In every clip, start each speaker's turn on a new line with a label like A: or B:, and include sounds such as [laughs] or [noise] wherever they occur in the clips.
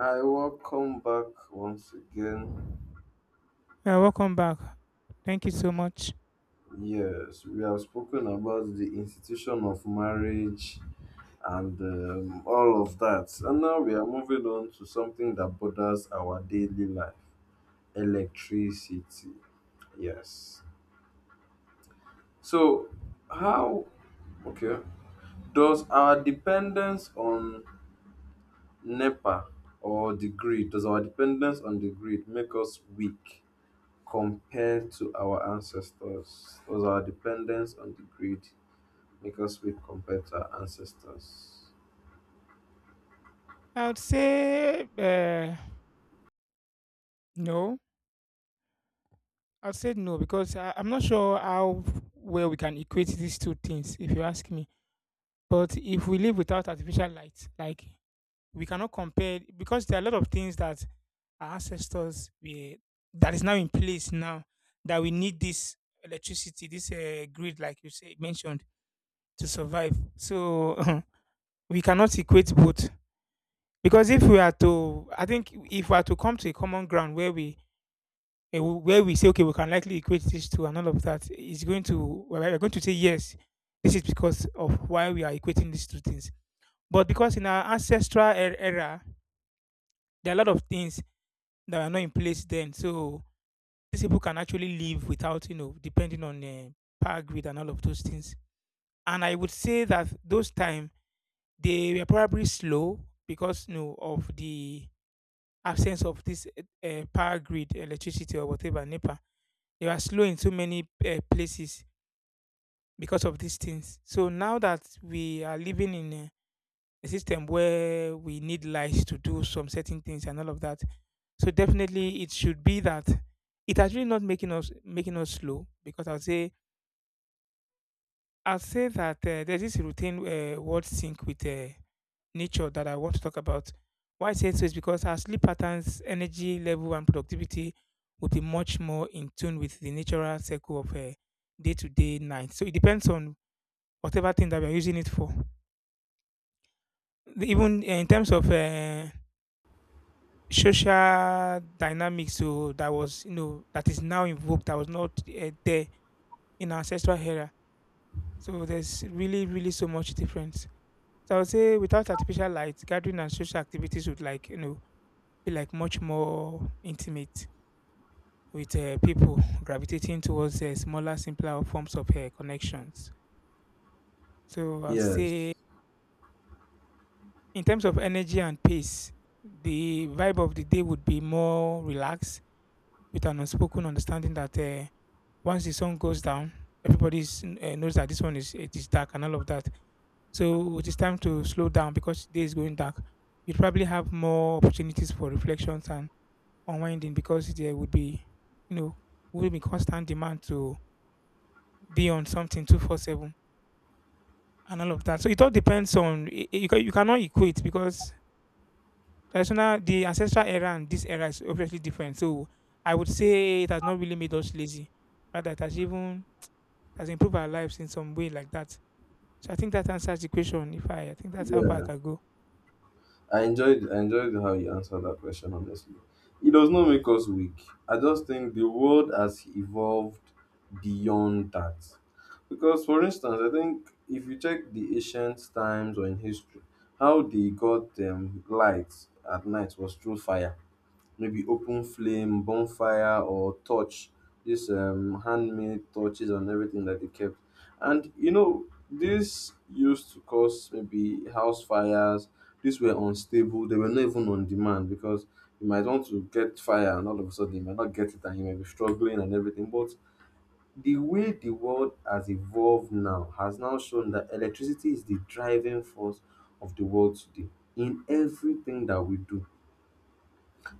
A: I welcome back once again.
B: Yeah, welcome back. Thank you so much.
A: Yes, we have spoken about the institution of marriage and all of that. And now we are moving on to something that borders our daily life, electricity. Yes. So, how, okay, does our dependence on NEPA or the grid, does our dependence on the grid make us weak compared to our ancestors? Does our dependence on the grid make us weak compared to our ancestors?
B: I would say no. I'd say no because I'm not sure how well we can equate these two things, if you ask me. But if we live without artificial light, like we cannot compare because there are a lot of things that our ancestors we, that is now in place now that we need this electricity, this grid, like you say mentioned, to survive. So [laughs] we cannot equate both. Because if we are to I think if we are to come to a common ground where we where we say, "Okay, we can likely equate this to" and all of that, it's going to we're going to say, "Yes, this is because of why we are equating these two things." But because in our ancestral era, there are a lot of things that are not in place then, so these people can actually live without, you know, depending on power grid and all of those things. And I would say that those time they were probably slow because, you know, of the absence of this power grid, electricity or whatever, NEPA. They are slow in so many places because of these things. So now that we are living in a system where we need lights to do some certain things and all of that, so definitely it should be that it has really not making us making us slow because I'll say that there's this routine word sync with nature that I want to talk about. Why I say so is because our sleep patterns, energy level, and productivity will be much more in tune with the natural cycle of a day to day night. So it depends on whatever thing that we're using it for. Even in terms of social dynamics, so that was, you know, that is now invoked, that was not there in our ancestral era. So there's really, really so much difference. So I would say without artificial light, gathering and social activities would, like, you know, feel like much more intimate with people, gravitating towards smaller, simpler forms of connections. So I'll
A: Yes.
B: say, in terms of energy and pace, the vibe of the day would be more relaxed, with an unspoken understanding that once the sun goes down, everybody knows that this one is it is dark and all of that. So it is time to slow down because day is going dark. You'd probably have more opportunities for reflections and unwinding because there would be, you know, would be constant demand to be on something 247 and all of that. So it all depends on, you, you cannot equate because traditional, the ancestral era and this era is obviously different. So I would say it has not really made us lazy. Rather, it has even, it has improved our lives in some way like that. So I think that answers the question. If I, I think that's how far I
A: Yeah.
B: can go.
A: I enjoyed how you answered that question honestly. It does not make us weak. I just think the world has evolved beyond that. Because for instance, I think if you check the ancient times or in history, how they got lights at night was through fire, maybe open flame, bonfire, or torch. This handmade torches and everything that they kept. And you know, this used to cause maybe house fires. These were unstable. They were not even on demand because you might want to get fire and all of a sudden you might not get it and you may be struggling and everything. But the way the world has evolved now has now shown that electricity is the driving force of the world today, in everything that we do.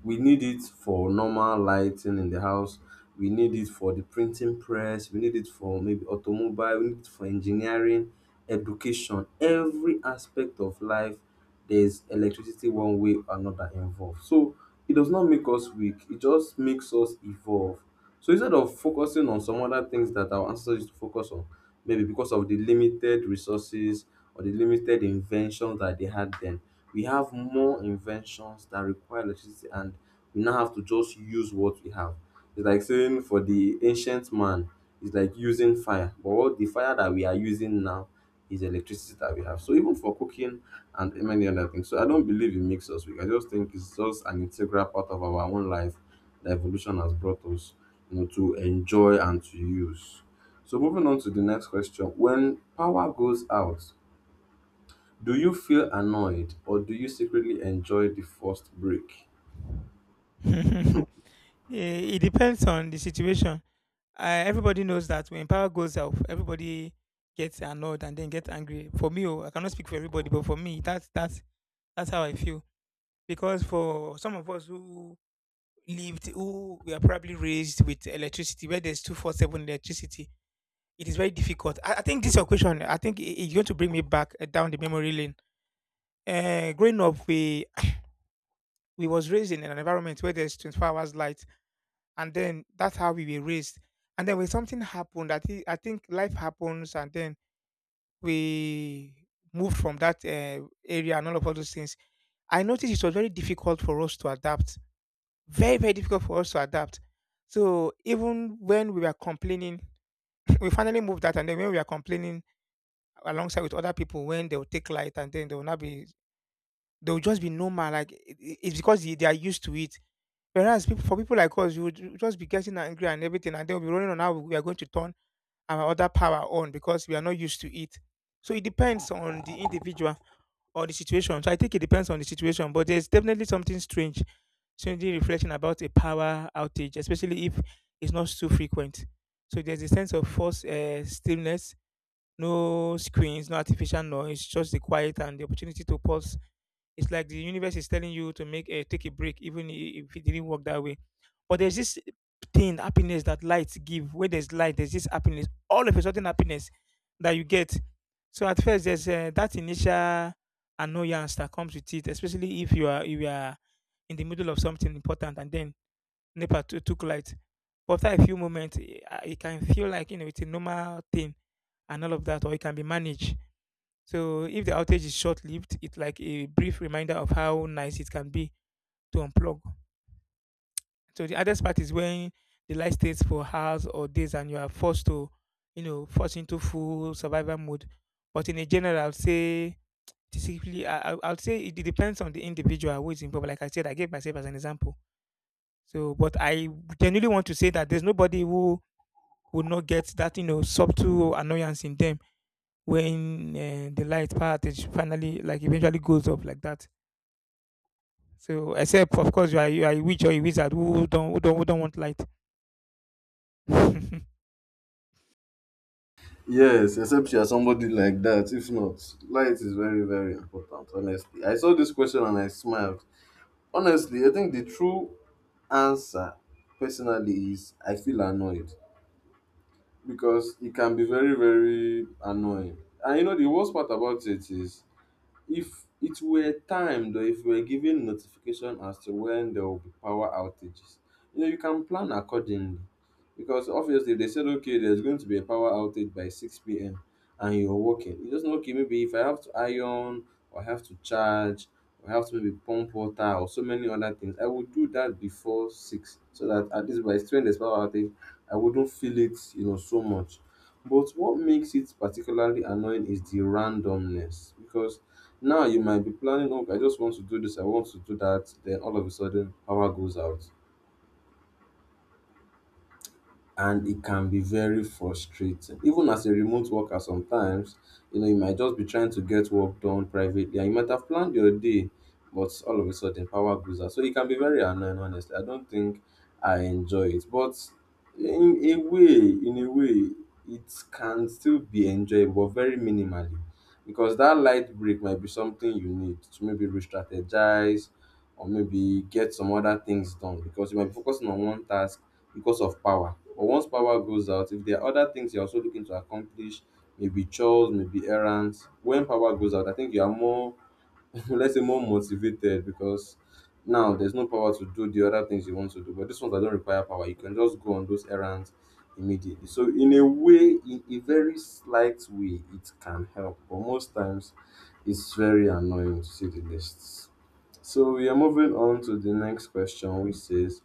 A: We need it for normal lighting in the house. We need it for the printing press. We need it for maybe automobile. We need it for engineering, education. Every aspect of life, there's electricity one way or another involved. So it does not make us weak. It just makes us evolve. So instead of focusing on some other things that our ancestors used to focus on, maybe because of the limited resources or the limited inventions that they had then, we have more inventions that require electricity and we now have to just use what we have. It's like saying for the ancient man, it's like using fire. But what the fire that we are using now is electricity that we have. So even for cooking and many other things. So I don't believe it makes us weak. I just think it's just an integral part of our own life that evolution has brought us, you know, to enjoy and to use. So moving on to the next question. When power goes out, do you feel annoyed or do you secretly enjoy the first break?
B: [laughs] Eh, it depends on the situation. Everybody knows that when power goes out, everybody gets annoyed and then gets angry. For me, oh, I cannot speak for everybody, but for me, that's that's how I feel. Because for some of us who we are probably raised with electricity, where there's 24/7 electricity, it is very difficult. I think this is your question. I think it's going to bring me back down the memory lane. Growing up, we [clears throat] we was raised in an environment where there's 24 hours light, and then that's how we were raised. And then when something happened, I think life happens, and then we moved from that area and all those things, I noticed it was very difficult for us to adapt. Very, very difficult for us to adapt. So even when we were complaining, [laughs] [clears throat] we finally moved that, and then when we were complaining alongside with other people, when they will take light, and then they will not be, they will just be normal. Like it's because they are used to it. Whereas people, for people like us, you would just be getting angry and everything, and they we'll be running on how we are going to turn our other power on because we are not used to it. So it depends on the individual or the situation. So I think it depends on the situation, but there's definitely something strangely reflecting about a power outage, especially if it's not too frequent. So there's a sense of forced stillness, no screens, no artificial noise, just the quiet and the opportunity to pause. It's like the universe is telling you to make a take a break, even if it didn't work that way. But there's this thing, happiness that lights give. Where there's light, there's this happiness. All of a sudden, happiness that you get. So at first, there's that initial annoyance that comes with it, especially if you are in the middle of something important and then NEPA took light. But after a few moments, it can feel like, you know, it's a normal thing and all of that, or it can be managed. So if the outage is short-lived, it's like a brief reminder of how nice it can be to unplug. So the hardest part is when the light stays for hours or days and you are forced to, you know, force into full survival mode. But in a general, I'll say typically, I'll say it depends on the individual who is involved. Like I said, I gave myself as an example. So, but I genuinely want to say that there's nobody who would not get that, you know, subtle annoyance in them when the light part is finally, like, eventually goes off like that. So except of course you are a witch or a wizard who don't want light. [laughs]
A: Yes, except you are somebody like that. If not, light is very, very important, honestly. I saw this question and I smiled. Honestly, I think the true answer, personally, is I feel annoyed because it can be very, very annoying. And you know, the worst part about it is, if it were timed or if we're given notification as to when there will be power outages, you know, you can plan accordingly. Because obviously, if they said, okay, there's going to be a power outage by 6 p.m. and you're working, you just know, okay, maybe if I have to iron or I have to charge or I have to maybe pump water or so many other things, I would do that before 6 so that at least by the time there's power outage, I wouldn't feel it, you know, so much. But what makes it particularly annoying is the randomness, because now you might be planning, okay, I just want to do this, I want to do that. Then all of a sudden, power goes out and it can be very frustrating. Even as a remote worker, sometimes you know you might just be trying to get work done privately, and you might have planned your day, but all of a sudden power goes out. So it can be very annoying. Honestly, I don't think I enjoy it, but in a way, it can still be enjoyable, but very minimally, because that light break might be something you need to maybe re-strategize or maybe get some other things done because you might be focusing on one task because of power. But once power goes out, if there are other things you're also looking to accomplish, maybe chores, maybe errands, when power goes out, I think you are more, [laughs] let's say, more motivated because now there's no power to do the other things you want to do. But this ones that don't require power, you can just go on those errands immediately. So, in a way, in a very slight way, it can help, but most times it's very annoying to see the lists. So we are moving on to the next question, which says,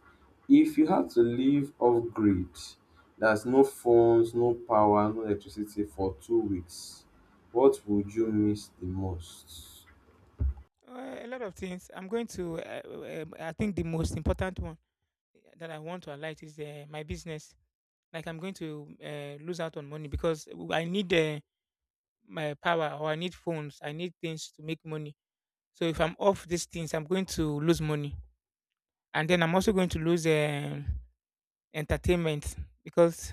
A: if you had to live off grid, that's no phones, no power, no electricity for 2 weeks, what would you miss the most?
B: A lot of things. I'm going to. I think the most important one that I want to highlight is my business. Like I'm going to lose out on money because I need my power or I need phones. I need things to make money. So if I'm off these things, I'm going to lose money, and then I'm also going to lose entertainment because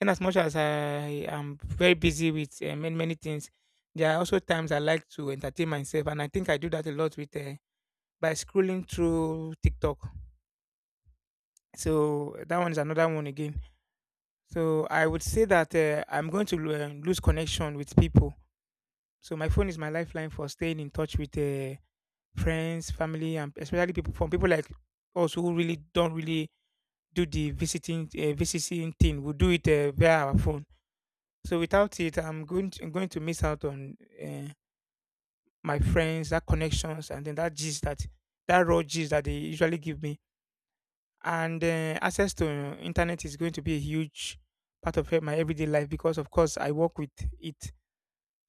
B: in as much as I am very busy with many many things, there are also times I like to entertain myself, and I think I do that a lot with by scrolling through TikTok. So that one is another one again. So I would say that I'm going to lose connection with people. So my phone is my lifeline for staying in touch with friends, family, and especially people like us who really don't really do the visiting thing. We do it via our phone. So without it, I'm going to miss out on uh, my friends, that connections, and then that raw gist that they usually give me. And access to internet is going to be a huge part of my everyday life because, of course, I work with it.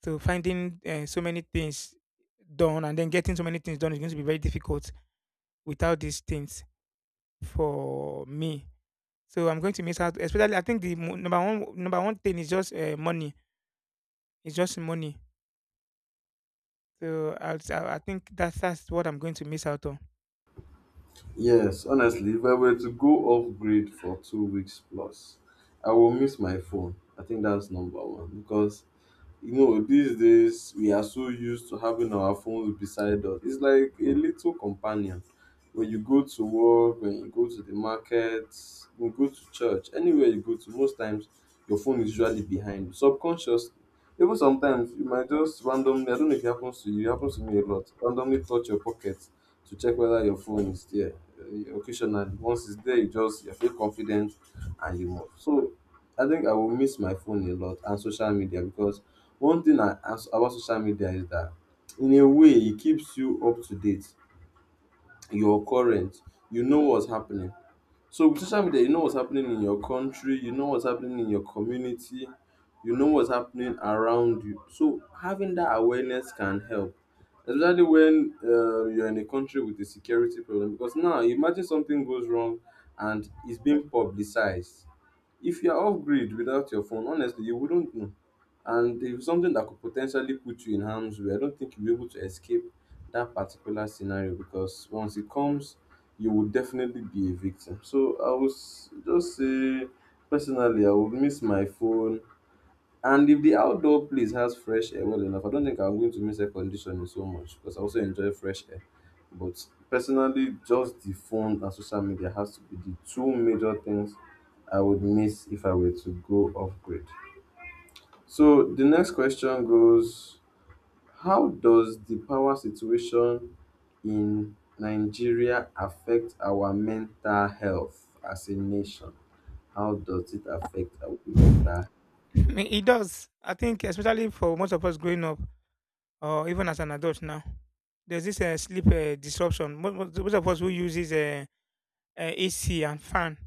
B: So finding so many things done and then getting so many things done is going to be very difficult without these things for me. So I'm going to miss out. Especially, I think the number one thing is just money. It's just money. So I think that's what I'm going to miss out on.
A: Yes, honestly, if I were to go off grid for 2 weeks plus, I will miss my phone. I think that's number one because you know, these days we are so used to having our phones beside us. It's like a little companion. When you go to work, when you go to the market, when you go to church, anywhere you go to, most times your phone is usually behind you, subconsciously. Even sometimes you might just randomly, I don't know if it happens to you, it happens to me a lot, randomly touch your pocket to check whether your phone is there. Occasionally, once it's there, you just you feel confident and you move. So I think I will miss my phone a lot and social media, because one thing I as about social media is that in a way it keeps you up to date, you're current, you know what's happening. So with social media you know what's happening in your country, you know what's happening in your community, you know what's happening around you. So having that awareness can help. Especially when you're in a country with a security problem, because now imagine something goes wrong and it's being publicized, if you are off grid without your phone, honestly, you wouldn't know. And if something that could potentially put you in harm's way, I don't think you'll be able to escape that particular scenario because once it comes, you will definitely be a victim. So I was just say, personally, I would miss my phone and if the outdoor place has fresh air well enough, I don't think I'm going to miss air conditioning so much because I also enjoy fresh air. But personally, just the phone and social media has to be the two major things I would miss if I were to go off grid. So the next question goes, how does the power situation in Nigeria affect our mental health as a nation? How does it affect our mental.
B: [laughs] It does. I think especially for most of us growing up, or even as an adult now, there's this sleep disruption. Most of us who uses AC and fan,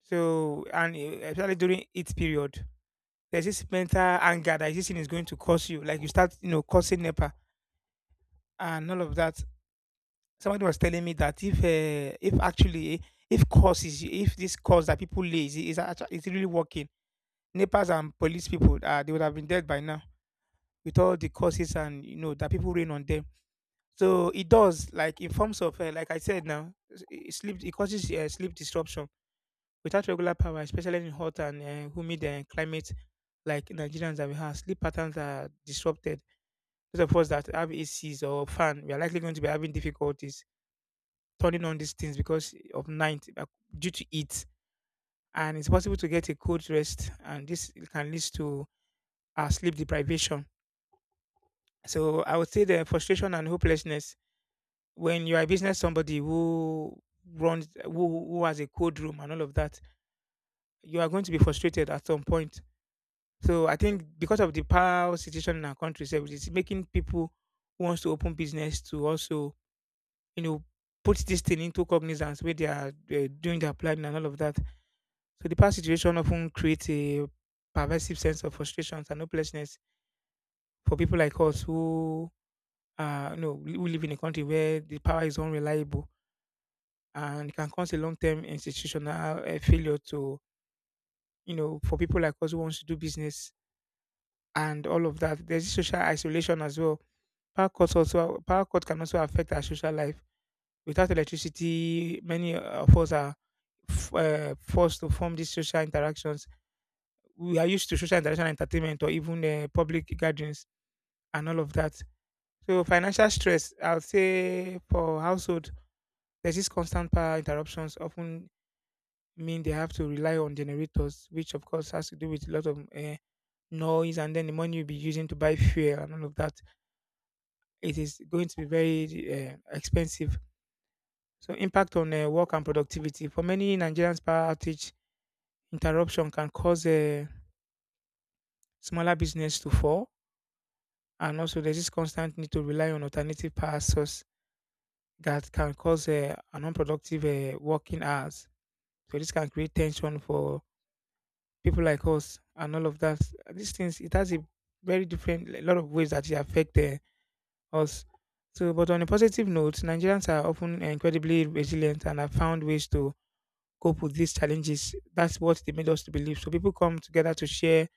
B: so and especially during heat period, there's this mental anger that this thing is going to cause you. Like you start, you know, causing NEPA and all of that. Somebody was telling me that if this cause that people lay is, is really working, NEPAs and police people, they would have been dead by now with all the causes and, you know, that people rain on them. So it does, like, in forms of, like I said now, it causes sleep disruption without regular power, especially in hot and humid climate like Nigerians that we have. Sleep patterns are disrupted. Those of us that have ACs or fan, we are likely going to be having difficulties turning on these things because of night due to heat, and it's possible to get a cold rest, and this can lead to sleep deprivation. So I would say the frustration and hopelessness when you are a business somebody who runs who has a code room and all of that, you are going to be frustrated at some point. So I think because of the power situation in our country, so it's making people who wants to open business to also, you know, put this thing into cognizance where they are doing their planning and all of that. So the power situation often creates a pervasive sense of frustrations and hopelessness for people like us who no, we live in a country where the power is unreliable and it can cause a long-term institutional failure to, you know, for people like us who wants to do business and all of that. There's this social isolation as well. Power cuts can also affect our social life. Without electricity, many of us are forced to form these social interactions. We are used to social interaction, entertainment, or even public gatherings and all of that. So financial stress, I'll say for household. There's this constant power interruptions often mean they have to rely on generators, which of course has to do with a lot of noise and then the money you'll be using to buy [laughs] fuel and all of that. It is going to be very expensive. So impact on work and productivity. For many Nigerians, power outage interruption can cause smaller business to fall. And also there's this constant need to rely on alternative power source that can cause an unproductive working hours. So this can create tension for people like us and all of that. These things, it has a very different a lot of ways that it affect us. So, but on a positive note, Nigerians are often incredibly resilient and have found ways to cope with these challenges. That's what they made us to believe. So people come together to share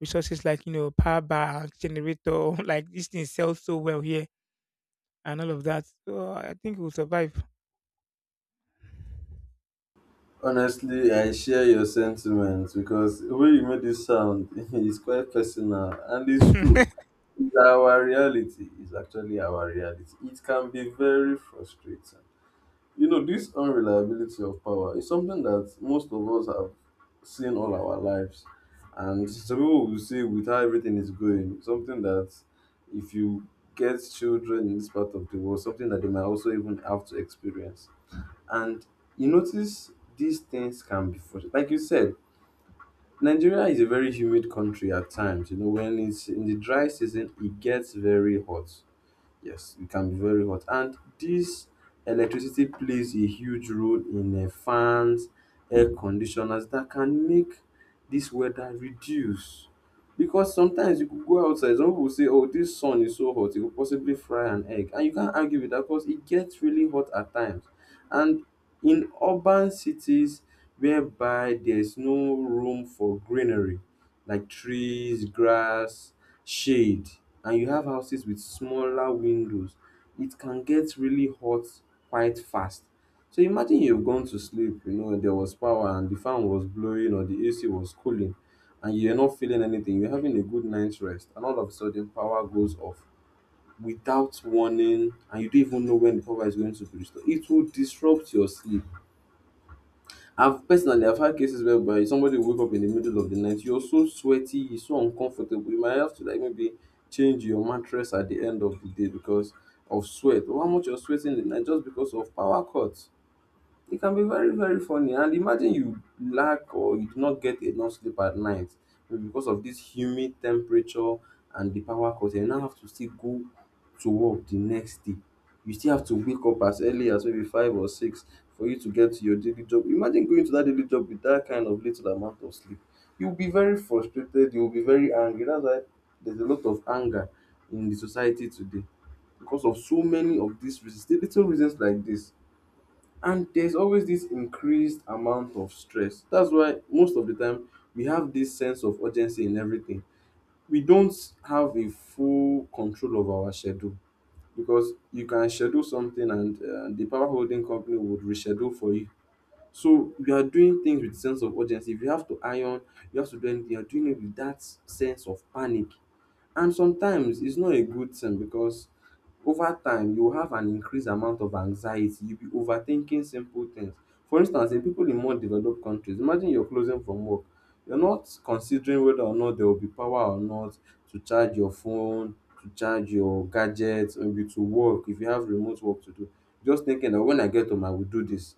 B: resources like, you know, power bank, generator, [laughs] like these things sell so well here and all of that. So I think we'll survive.
A: Honestly, I share your sentiments because the way you made this sound [laughs] is quite personal and it's true. It's, our reality is actually our reality. It can be very frustrating. You know, this unreliability of power is something that most of us have seen all our lives. And some people will say, with how everything is going, something that if you get children in this part of the world, something that they might also even have to experience, and you notice these things can be frustrating. Like you said, Nigeria is a very humid country at times. You know, when it's in the dry season, it gets very hot. Yes, it can be very hot. And this electricity plays a huge role in fans, air conditioners that can make this weather reduce. Because sometimes you could go outside, some people say, oh, this sun is so hot, it could possibly fry an egg. And you can't argue with that because it gets really hot at times. And in urban cities whereby there's no room for greenery, like trees, grass, shade, and you have houses with smaller windows, it can get really hot quite fast. So imagine you've gone to sleep, you know, and there was power and the fan was blowing or the AC was cooling and you're not feeling anything, you're having a good night's rest, and all of a sudden power goes off without warning and you don't even know when the power is going to be restored. It will disrupt your sleep. I've personally I've had cases whereby somebody will wake up in the middle of the night, you're so sweaty, it's so uncomfortable, you might have to like maybe change your mattress at the end of the day because of sweat. Or how much you're sweating in the night just because of power cuts. It can be very, very funny, and imagine you lack or you do not get enough sleep at night maybe because of this humid temperature and the power cut, you now have to still go to work the next day. You still have to wake up as early as maybe 5 or 6 for you to get to your daily job. Imagine going to that daily job with that kind of little amount of sleep. You'll be very frustrated, you'll be very angry. That's why there's a lot of anger in the society today because of so many of these reasons, little reasons like this. And there's always this increased amount of stress. That's why most of the time we have this sense of urgency in everything. We don't have a full control of our schedule because you can schedule something and the power holding company would reschedule for you. So you are doing things with sense of urgency. If you have to iron, you have to do anything, you're doing it with that sense of panic. And sometimes it's not a good thing because over time you will have an increased amount of anxiety. You'll be overthinking simple things. For instance, in people in more developed countries, imagine you're closing from work. You're not considering whether or not there will be power or not to charge your phone, to charge your gadgets, maybe to work if you have remote work to do. Just thinking that when I get home, I will do this.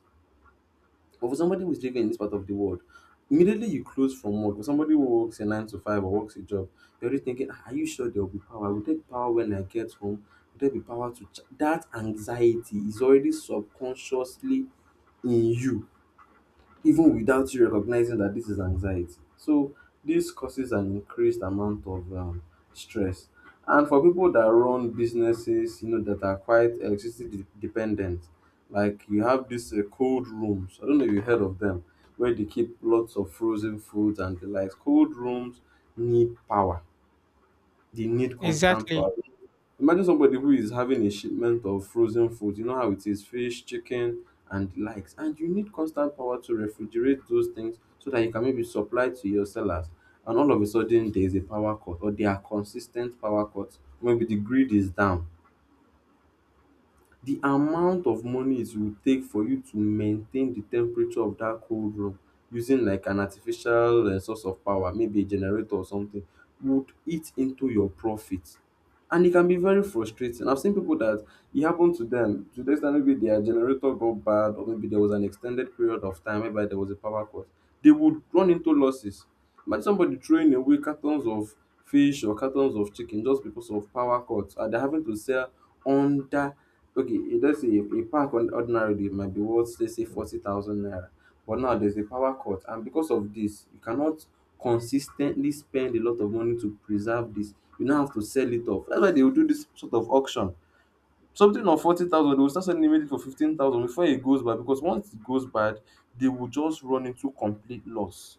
A: But for somebody who is living in this part of the world, immediately you close from work, or somebody who works a nine to five or works a job, you're already thinking, "Ah, are you sure there will be power? Will there be power when I get home? Will there be power to ch-? That anxiety is already subconsciously in you even without you recognizing that this is anxiety. So this causes an increased amount of stress. And for people that run businesses, you know, that are quite electricity dependent, like you have these cold rooms. I don't know if you heard of them, where they keep lots of frozen foods and the like. Cold rooms need power, they need
B: [laughs]
A: constant
B: Exactly.
A: power. Imagine somebody who is having a shipment of frozen food, you know how it is, fish, chicken, and the likes. And you need constant power to refrigerate those things so that you can maybe supply to your sellers. And all of a sudden, there is a power cut, or there are consistent power cuts. Maybe the grid is down. The amount of money it will take for you to maintain the temperature of that cold room using like an artificial source of power, maybe a generator or something, would eat into your profit. And it can be very frustrating. I've seen people that it happened to them to the extent maybe their generator got bad, or maybe there was an extended period of time whereby there was a power cut. They would run into losses. Imagine somebody throwing away cartons of fish or cartons of chicken just because of power cuts, and they're having to sell under, okay, let's say a pack on ordinarily it might be worth, let's say, 40,000 naira. But now there's a power cut, and because of this you cannot consis ten tly spend a lot of money to preserve this. You now have to sell it off. That's why they will do this sort of auction. Something of 40,000, they will start selling immediately for 15,000 before it goes bad, because once it goes bad they will just run into complete loss.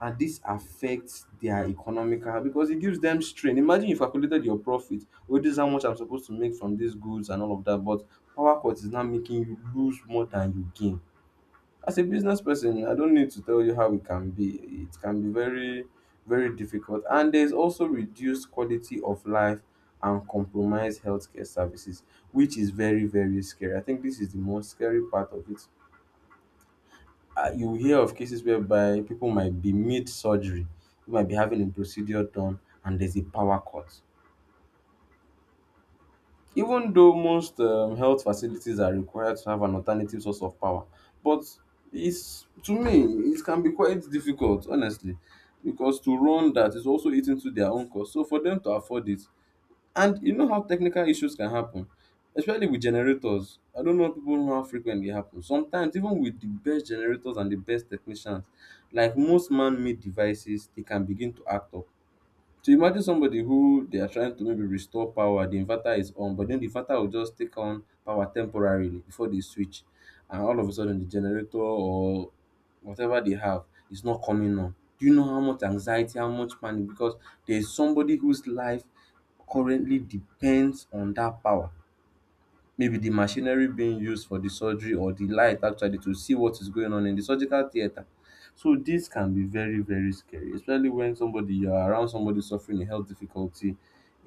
A: And this affects their economical because it gives them strain. Imagine you calculated your profit, oh, this is how much I'm supposed to make from these goods and all of that, but power cut is now making you lose more than you gain. As a business person, I don't need to tell you how it can be. It can be very, very difficult. And there's also reduced quality of life and compromised healthcare services, which is very, very scary. I think this is the most scary part of it. You hear of cases whereby people might be mid surgery, you might be having a procedure done, and there's a power cut. Even though most health facilities are required to have an alternative source of power, but it's, to me, it can be quite difficult, honestly, because to run that is also eating to their own cost. So for them to afford it, and you know how technical issues can happen, especially with generators. I don't know people know how frequently it happens. Sometimes, even with the best generators and the best technicians, like most man-made devices, they can begin to act up. So imagine somebody who they are trying to maybe restore power, the inverter is on, but then the inverter will just take on power temporarily before they switch, and all of a sudden the generator or whatever they have is not coming on. Do you know how much anxiety, how much panic? Because there is somebody whose life currently depends on that power, maybe the machinery being used for the surgery or the light actually to see what is going on in the surgical theater. So this can be very, very scary, especially when somebody you are around somebody suffering a health difficulty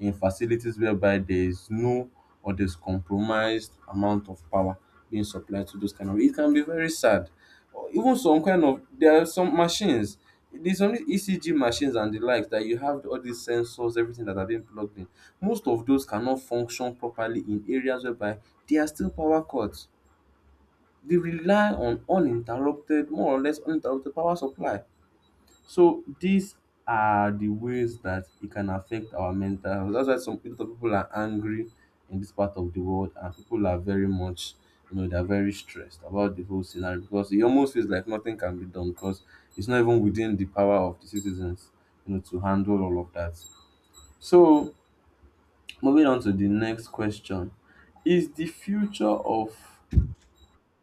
A: in facilities whereby there is no, or there's compromised amount of power being supplied to those kind of, it can be very sad. Or even some kind of, there are some machines, there's only ECG machines and the likes that you have all these sensors, everything that are being plugged in. Most of those cannot function properly in areas whereby they are still power cuts. They rely on uninterrupted, more or less uninterrupted power supply. So these are the ways that it can affect our mental health. That's why some a lot of people are angry in this part of the world, and people are very much, you know, they're very stressed about the whole scenario because it almost feels like nothing can be done because it's not even within the power of the citizens, you know, to handle all of that. So moving on to the next question. Is the future of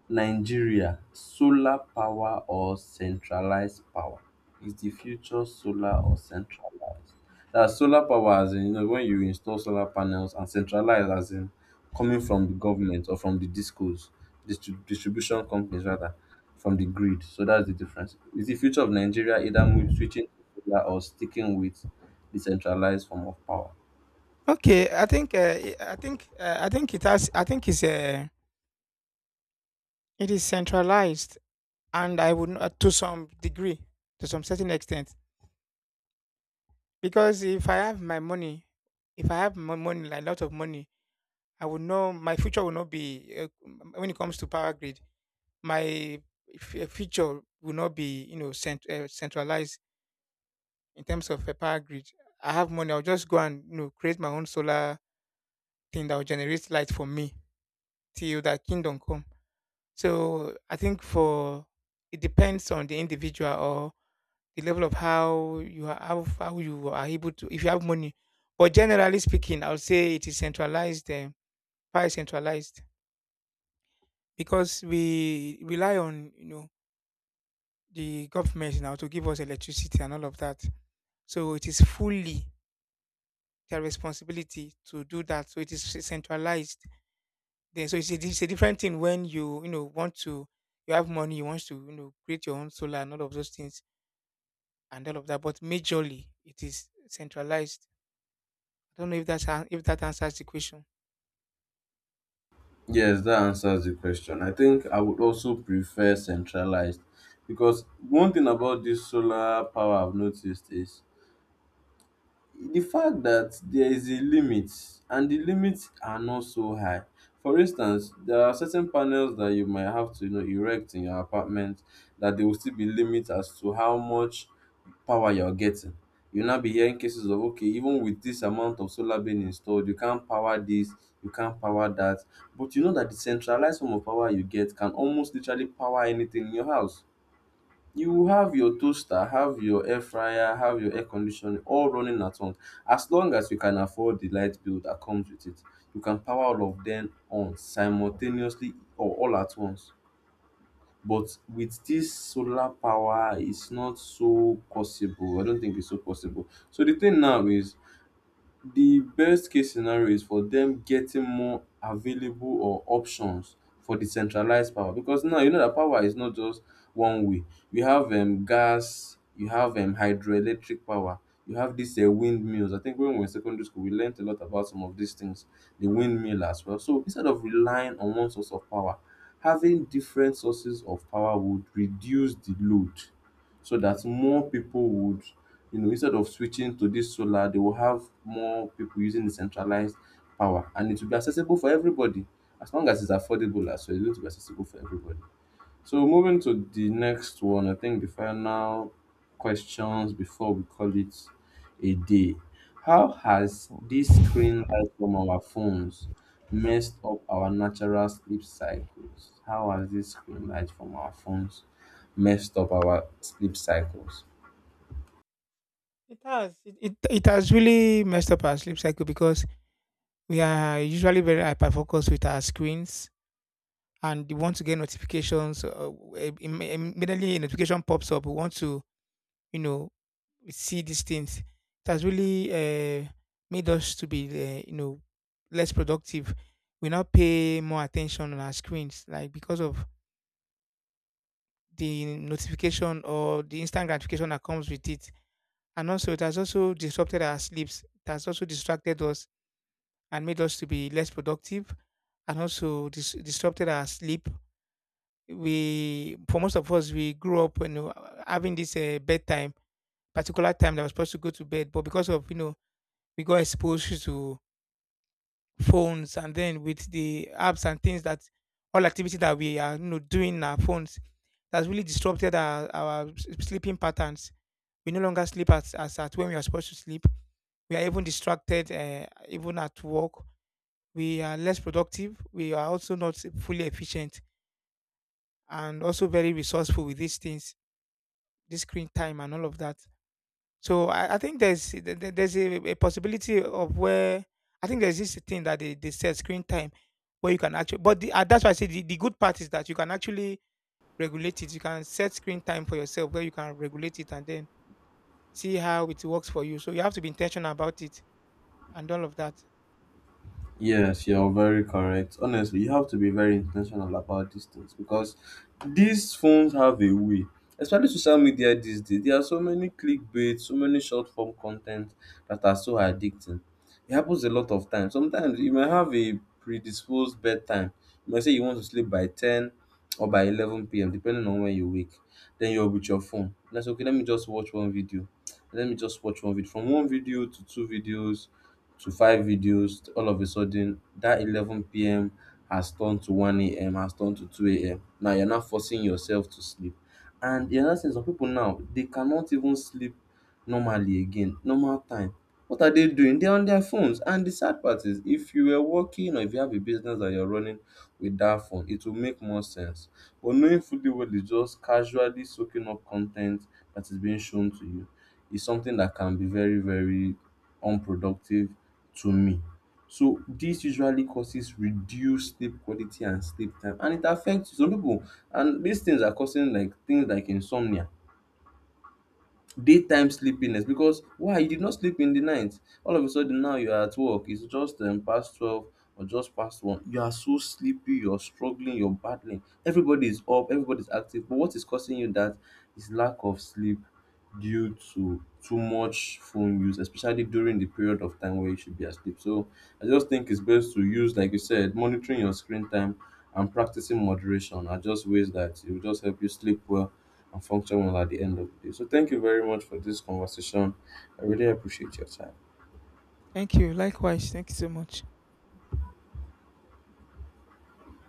A: Nigeria solar power or centralized power? Is the future solar or centralized? That solar power as in, you know, when you install solar panels, and centralized as in coming from the government or from the discos, distribution companies rather, from the grid. So that's the difference. Is the future of Nigeria either switching to solar or sticking with the centralized form of power?
B: Okay, I think I think it has I think it's it is centralized, and I would not, to some degree, to some certain extent, because if I have my money, if I have my money, like a lot of money, I would know my future will not be when it comes to power grid. My future will not be, you know, centralized in terms of a power grid. I have money. I'll just go and, you know, create my own solar thing that will generate light for me till that kingdom come. So I think for it depends on the individual or the level of how you are how you are able to, if you have money. But generally speaking, I would say it is centralized, quite centralized, because we rely on, you know, the government now to give us electricity and all of that. So it is fully their responsibility to do that. So it is centralized. Then so it's a different thing when you know, want to you have money you want to you know, create your own solar and all of those things and all of that. But majorly it is centralized. I don't know if that answers the question.
A: Yes, that answers the question. I think I would also prefer centralized because one thing about this solar power I've noticed is the fact that there is a limit, and the limits are not so high. For instance, there are certain panels that you might have to, you know, erect in your apartment, that there will still be limits as to how much power you're getting. You'll now be hearing cases of, okay, even with this amount of solar being installed, you can't power this, you can't power that. But you know that the centralized form of power you get can almost literally power anything in your house. You will have your toaster, have your air fryer, have your air conditioner all running at once. As long as you can afford the light bill that comes with it, you can power all of them on simultaneously or all at once. But with this solar power, it's not so possible. I don't think it's so possible. So the thing now is the best case scenario is for them getting more available or options for decentralized power, because now you know that power is not just one way. You have gas, you have hydroelectric power, you have these windmills. I think when we were in secondary school we learned a lot about some of these things, the windmill as well. So instead of relying on one source of power, having different sources of power would reduce the load so that more people would, you know, instead of switching to this solar, they will have more people using the centralized power, and it will be accessible for everybody. As long as it's affordable as well, it's going to be accessible for everybody. So moving to the next one, I think the final questions before we call it a day. How has this screen light from our phones messed up our natural sleep cycles? How has this screen light from our phones messed up our sleep cycles?
B: It has. It has really messed up our sleep cycle because we are usually very hyper focused with our screens and we want to get notifications. Immediately a notification pops up, we want to, you know, see these things. It has really made us to be, you know, less productive. We now pay more attention on our screens, like, because of the notification or the instant gratification that comes with it. And also, it has also disrupted our sleeps. It has also distracted us and made us to be less productive and also disrupted our sleep. For most of us, we grew up, you know, having this bedtime, particular time that was supposed to go to bed. But because of, you know, we got exposed to phones and then with the apps and things that all activity that we are, you know, doing in our phones, that's really disrupted our sleeping patterns. We no longer sleep as at when we are supposed to sleep. We are even distracted even at work. We are less productive, we are also not fully efficient and also very resourceful with these things, this screen time and all of that. So I think there's a possibility of where I think there's this thing that they said screen time where you can actually, that's why I say the good part is that you can actually regulate it. You can set screen time for yourself where you can regulate it and then see how it works for you. So you have to be intentional about it and all of that.
A: Yes, you're very correct. Honestly, you have to be very intentional about these things because these phones have a way, especially social media these days. There are so many clickbait, so many short form content that are so addicting. It happens a lot of times. Sometimes you may have a predisposed bedtime. You might say you want to sleep by 10 or by 11 p.m., depending on when you wake. Then you're with your phone. That's okay, let me just watch one video. Let me just watch one video. From one video to two videos to five videos, all of a sudden that 11 p.m has turned to 1 a.m, has turned to 2 a.m. Now you're not forcing yourself to sleep. And the other thing, some people now they cannot even sleep normally again, normal time. What are they doing? They're on their phones. And the sad part is, if you were working or if you have a business that you're running with that phone, it will make more sense. But knowing fully well it's just casually soaking up content that is being shown to you is something that can be very, very unproductive to me. So this usually causes reduced sleep quality and sleep time, and it affects some people, and these things are causing like things like insomnia, daytime sleepiness. Because why, you did not sleep in the night, all of a sudden now you are at work, it's just past 12 or just past 1, you are so sleepy, you're struggling, you're battling, everybody is up, everybody's active. But what is causing you that is lack of sleep due to too much phone use, especially during the period of time where you should be asleep. So I just think it's best to use, like you said, monitoring your screen time and practicing moderation are just ways that it will just help you sleep well and functional at the end of the day. So, thank you very much for this conversation. I really appreciate your time.
B: Thank you likewise. Thank you so much.